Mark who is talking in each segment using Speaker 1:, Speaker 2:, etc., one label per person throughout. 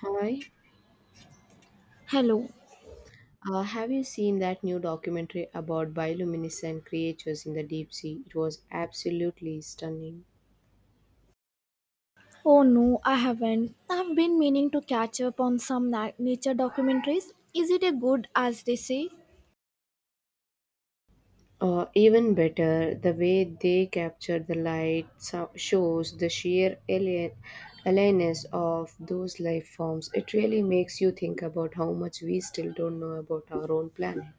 Speaker 1: Hi.
Speaker 2: Hello.
Speaker 1: Have you seen that new documentary about bioluminescent creatures in the deep sea? It was absolutely stunning.
Speaker 2: Oh no, I haven't. I've been meaning to catch up on some nature documentaries. Is it a good as they say?
Speaker 1: Even better, the way they captured the light shows the sheer alienness of those life forms. It really makes you think about how much we still don't know about our own planet.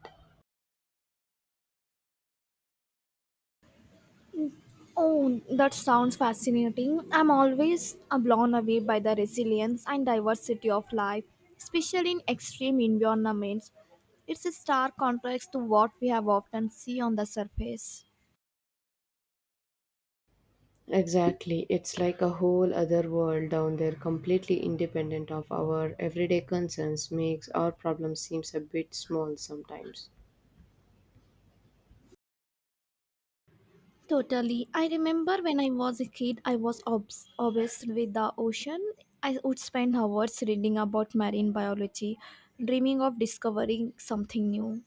Speaker 2: Oh, that sounds fascinating. I'm always blown away by the resilience and diversity of life, especially in extreme environments. It's a stark contrast to what we have often see on the surface.
Speaker 1: Exactly. It's like a whole other world down there, completely independent of our everyday concerns, makes our problem seems a bit small sometimes.
Speaker 2: Totally. I remember when I was a kid, I was obsessed with the ocean. I would spend hours reading about marine biology, dreaming of discovering something new.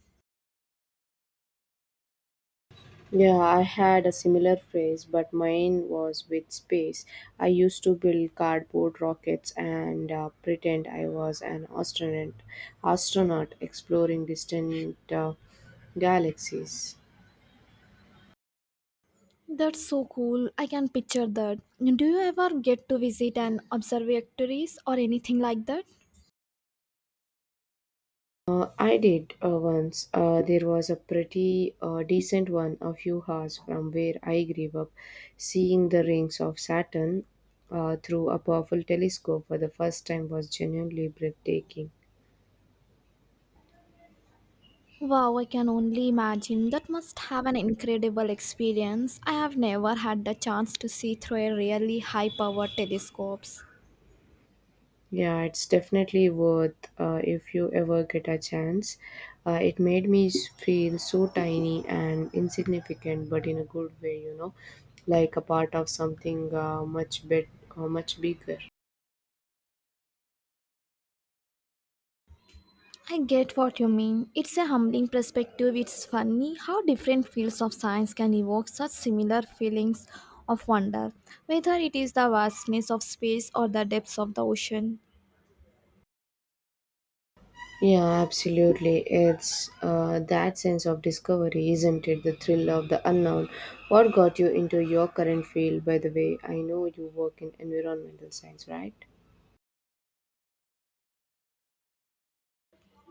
Speaker 1: Yeah, I had a similar phrase, but mine was with space. I used to build cardboard rockets and pretend I was an astronaut exploring distant galaxies.
Speaker 2: That's so cool. I can picture that. Do you ever get to visit an observatories or anything like that?
Speaker 1: I did once. There was a pretty decent one a few hours from where I grew up, seeing the rings of Saturn through a powerful telescope for the first time was genuinely breathtaking.
Speaker 2: Wow, I can only imagine. That must have an incredible experience. I have never had the chance to see through a really high power telescopes.
Speaker 1: Yeah, it's definitely worth if you ever get a chance. It made me feel so tiny and insignificant, but in a good way, you know, like a part of something much bigger.
Speaker 2: I get what you mean. It's a humbling perspective. It's funny how different fields of science can evoke such similar feelings of wonder, whether it is the vastness of space or the depths of the ocean.
Speaker 1: Yeah, absolutely. It's that sense of discovery, isn't it? The thrill of the unknown. What got you into your current field, by the way? I know you work in environmental science, right?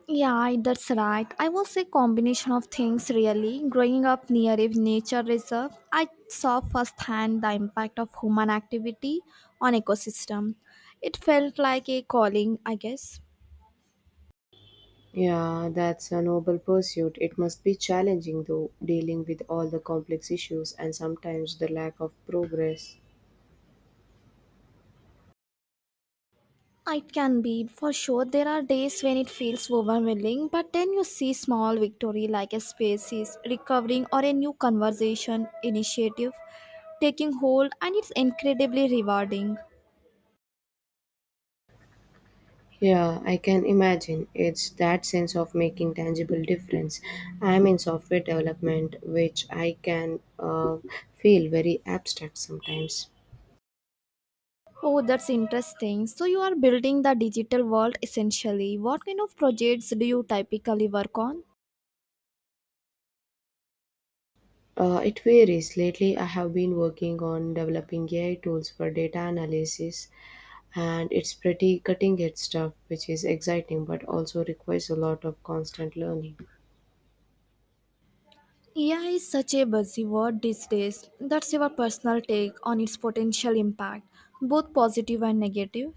Speaker 2: Yeah, that's right. I was a combination of things really. Growing up near a nature reserve, I saw firsthand the impact of human activity on ecosystem. It felt like a calling, I guess.
Speaker 1: Yeah, that's a noble pursuit. It must be challenging, though, dealing with all the complex issues and sometimes the lack of progress.
Speaker 2: It can be for sure. There are days when it feels overwhelming, but then you see small victory like a species recovering or a new conversation initiative taking hold, and it's incredibly rewarding.
Speaker 1: Yeah, I can imagine. It's that sense of making tangible difference. I'm in software development, which I can feel very abstract sometimes.
Speaker 2: Oh, that's interesting. So you are building the digital world essentially. What kind of projects do you typically work on?
Speaker 1: It varies. Lately, I have been working on developing AI tools for data analysis, and it's pretty cutting edge stuff, which is exciting but also requires a lot of constant learning.
Speaker 2: AI is such a buzzword these days. That's your personal take on its potential impact, both positive and negative.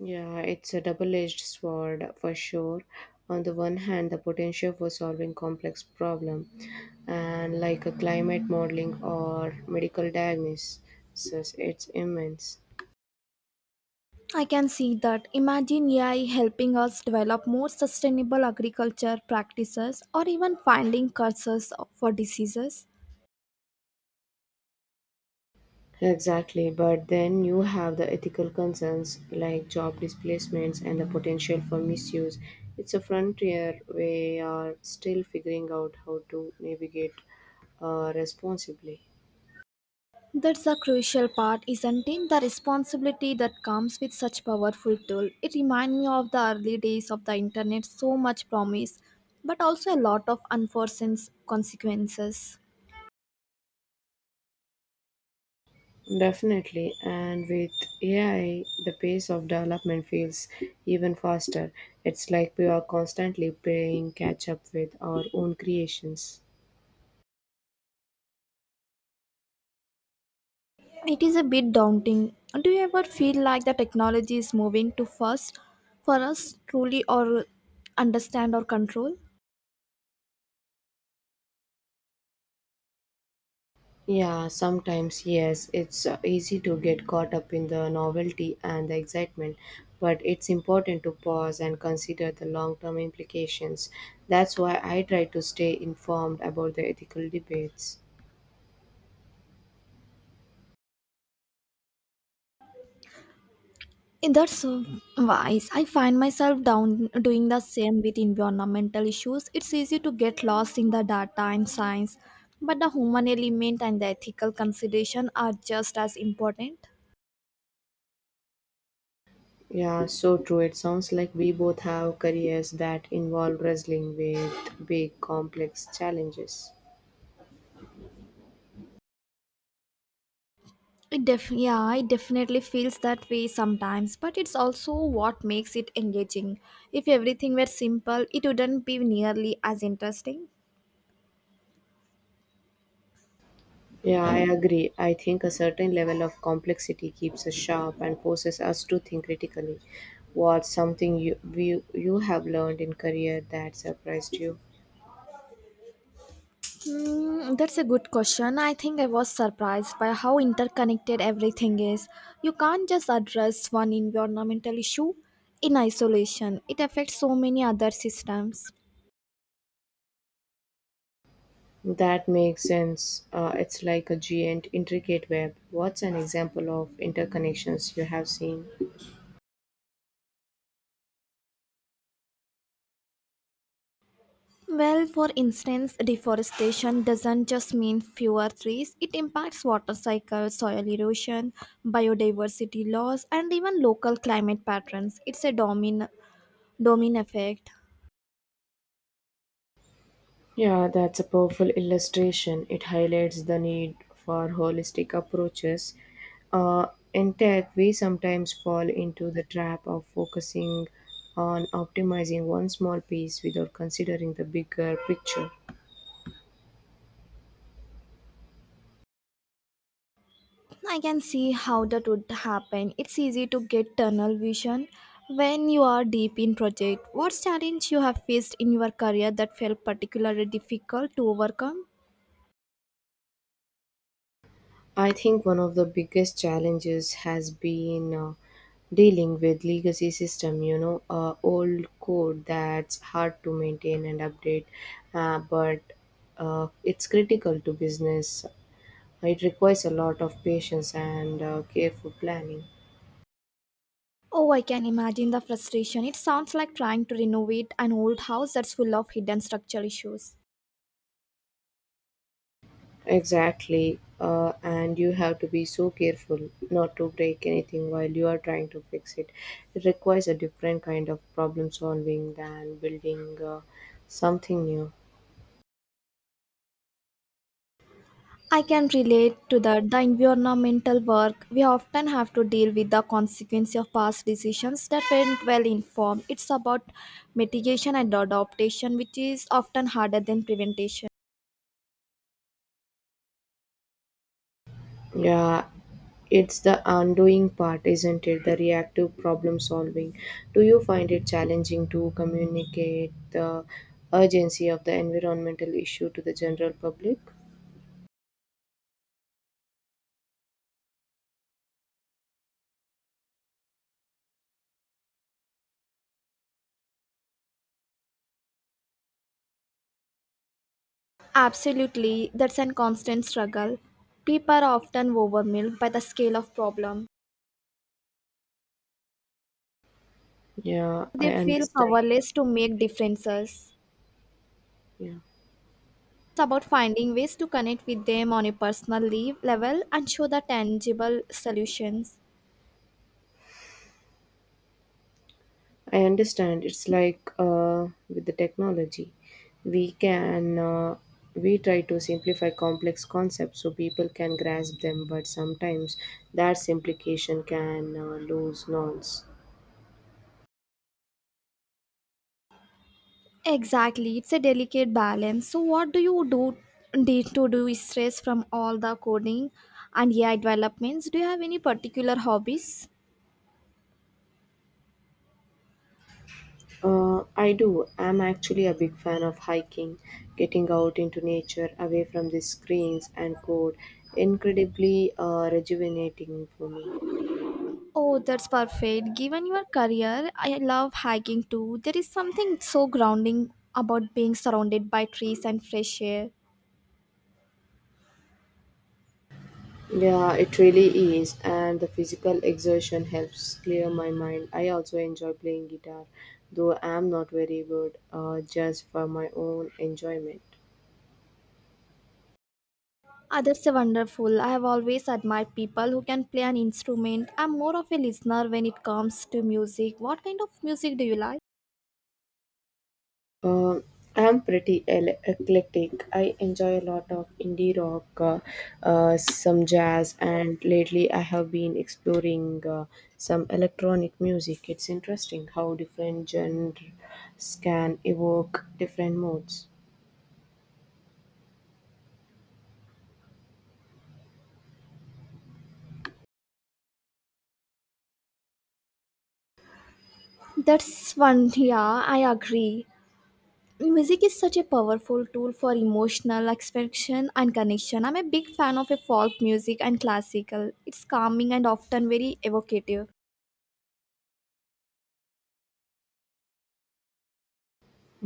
Speaker 1: Yeah, it's a double-edged sword for sure. On the one hand, the potential for solving complex problem, and like a climate modeling or medical diagnosis, it's immense.
Speaker 2: I can see that. Imagine AI helping us develop more sustainable agriculture practices or even finding cures for diseases.
Speaker 1: Exactly, but then you have the ethical concerns like job displacements and the potential for misuse. It's a frontier we are still figuring out how to navigate responsibly.
Speaker 2: That's a crucial part, isn't it? The responsibility that comes with such powerful tool. It reminds me of the early days of the internet, so much promise, but also a lot of unforeseen consequences.
Speaker 1: Definitely, and with AI, the pace of development feels even faster. It's like we are constantly playing catch up with our own creations.
Speaker 2: It is a bit daunting. Do you ever feel like the technology is moving too fast for us truly or understand or control?
Speaker 1: Yeah, sometimes, yes, it's easy to get caught up in the novelty and the excitement, but it's important to pause and consider the long term implications. That's why I try to stay informed about the ethical debates.
Speaker 2: Eh, That's Wise. I find myself down doing the same with environmental issues. It's easy to get lost in the data and science, but the human element and the ethical consideration are just as important.
Speaker 1: Yeah, so true. It sounds like we both have careers that involve wrestling with big, complex challenges.
Speaker 2: It definitely feels that way sometimes, but it's also what makes it engaging. If everything were simple, it wouldn't be nearly as interesting.
Speaker 1: Yeah, I agree. I think a certain level of complexity keeps us sharp and forces us to think critically. What's something you have learned in career that surprised you?
Speaker 2: Hmm, that's a good question. I think I was surprised by how interconnected everything is. You can't just address one environmental issue in isolation, it affects so many other systems.
Speaker 1: That makes sense. It's like a giant, intricate web. What's an example of interconnections you have seen?
Speaker 2: Well, for instance, deforestation doesn't just mean fewer trees, it impacts water cycles, soil erosion, biodiversity loss, and even local climate patterns. It's a domino effect.
Speaker 1: Yeah, that's a powerful illustration. It highlights the need for holistic approaches. Uh, in tech, we sometimes fall into the trap of focusing on optimizing one small piece without considering the bigger picture.
Speaker 2: I can see how that would happen. It's easy to get tunnel vision when you are deep in project. What challenge you have faced in your career that felt particularly difficult to overcome?
Speaker 1: I think one of the biggest challenges has been dealing with legacy system, you know, old code that's hard to maintain and update, but it's critical to business. It requires a lot of patience and careful planning.
Speaker 2: Oh, I can imagine the frustration. It sounds like trying to renovate an old house that's full of hidden structural issues.
Speaker 1: Exactly. And you have to be so careful not to break anything while you are trying to fix it. It requires a different kind of problem solving than building something new.
Speaker 2: I can relate to that. The environmental work, we often have to deal with the consequence of past decisions that weren't well informed. It's about mitigation and adaptation, which is often harder than prevention.
Speaker 1: Yeah, it's the undoing part, isn't it? The reactive problem solving. Do you find it challenging to communicate the urgency of the environmental issue to the general public?
Speaker 2: Absolutely, that's a constant struggle. People are often overwhelmed by the scale of problem.
Speaker 1: Yeah, I
Speaker 2: They feel
Speaker 1: understand.
Speaker 2: powerless to make differences.
Speaker 1: Yeah,
Speaker 2: It's about finding ways to connect with them on a personal level and show the tangible solutions.
Speaker 1: I understand. It's like with the technology, we can uh, we try to simplify complex concepts so people can grasp them, but sometimes that simplification can lose nuance.
Speaker 2: Exactly, it's a delicate balance. So, what do you do day to do stress from all the coding and AI developments? Do you have any particular hobbies?
Speaker 1: I do. I'm actually a big fan of hiking, getting out into nature, away from the screens and code. Incredibly rejuvenating for me.
Speaker 2: Oh, that's perfect. Given your career, I love hiking too. There is something so grounding about being surrounded by trees and fresh air.
Speaker 1: Yeah, it really is, and the physical exertion helps clear my mind. I also enjoy playing guitar, though I am not very good, just for my own enjoyment.
Speaker 2: Ah, that's a wonderful. I have always admired people who can play an instrument. I'm more of a listener when it comes to music. What kind of music do you like?
Speaker 1: Um, I am pretty eclectic. I enjoy a lot of indie rock, some jazz, and lately I have been exploring some electronic music. It's interesting how different genres can evoke different moods.
Speaker 2: I agree. Music is such a powerful tool for emotional expression and connection. I'm a big fan of a folk music and classical. It's calming and often very evocative.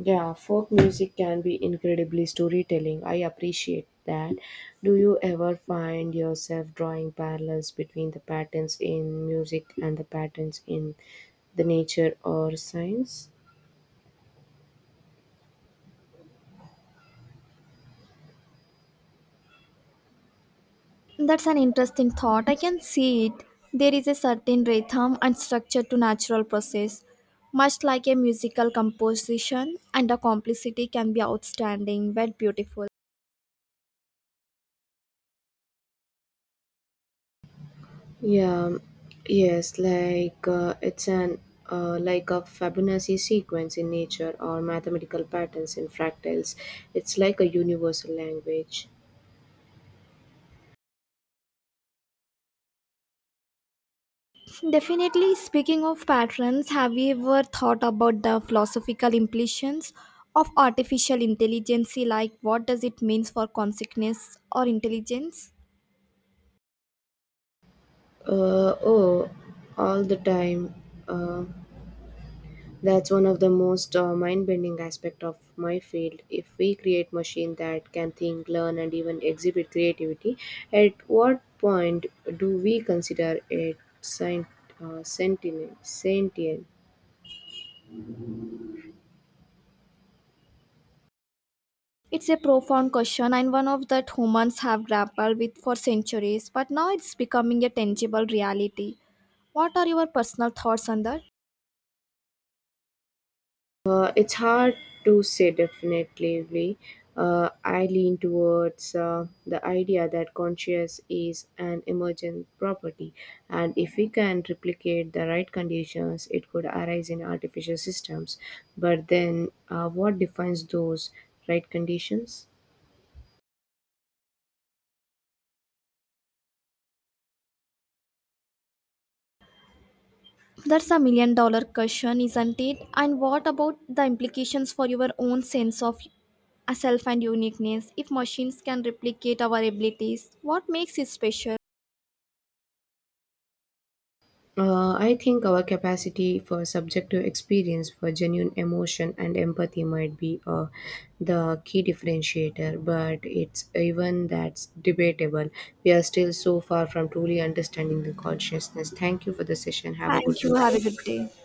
Speaker 1: Yeah, folk music can be incredibly storytelling. I appreciate that. Do you ever find yourself drawing parallels between the patterns in music and the patterns in the nature or science?
Speaker 2: That's an interesting thought. I can see it. There is a certain rhythm and structure to natural process, much like a musical composition, and the complexity can be outstanding but beautiful.
Speaker 1: Yeah, yes, like it's an like a Fibonacci sequence in nature or mathematical patterns in fractals. It's like a universal language.
Speaker 2: Definitely, speaking of patterns, have you ever thought about the philosophical implications of artificial intelligence? Like, what does it mean for consciousness or intelligence?
Speaker 1: Uh, oh, all the time. Uh, That's one of the most mind-bending aspect of my field. If we create machine that can think, learn, and even exhibit creativity, at what point do we consider it sentient? Sentient?
Speaker 2: It's a profound question and one of that humans have grappled with for centuries, but now it's becoming a tangible reality. What are your personal thoughts on that?
Speaker 1: It's hard to say definitely. Uh, I lean towards the idea that conscious is an emergent property, and if we can replicate the right conditions, it could arise in artificial systems. But then, what defines those right conditions?
Speaker 2: That's a million dollar question, isn't it? And what about the implications for your own sense of a self and uniqueness? If machines can replicate our abilities, what makes it special?
Speaker 1: I think our capacity for subjective experience, for genuine emotion and empathy might be the key differentiator, but it's even that's debatable. We are still so far from truly understanding the consciousness. Thank you for the session. Have a good
Speaker 2: Thank
Speaker 1: day.
Speaker 2: you. Have a good day.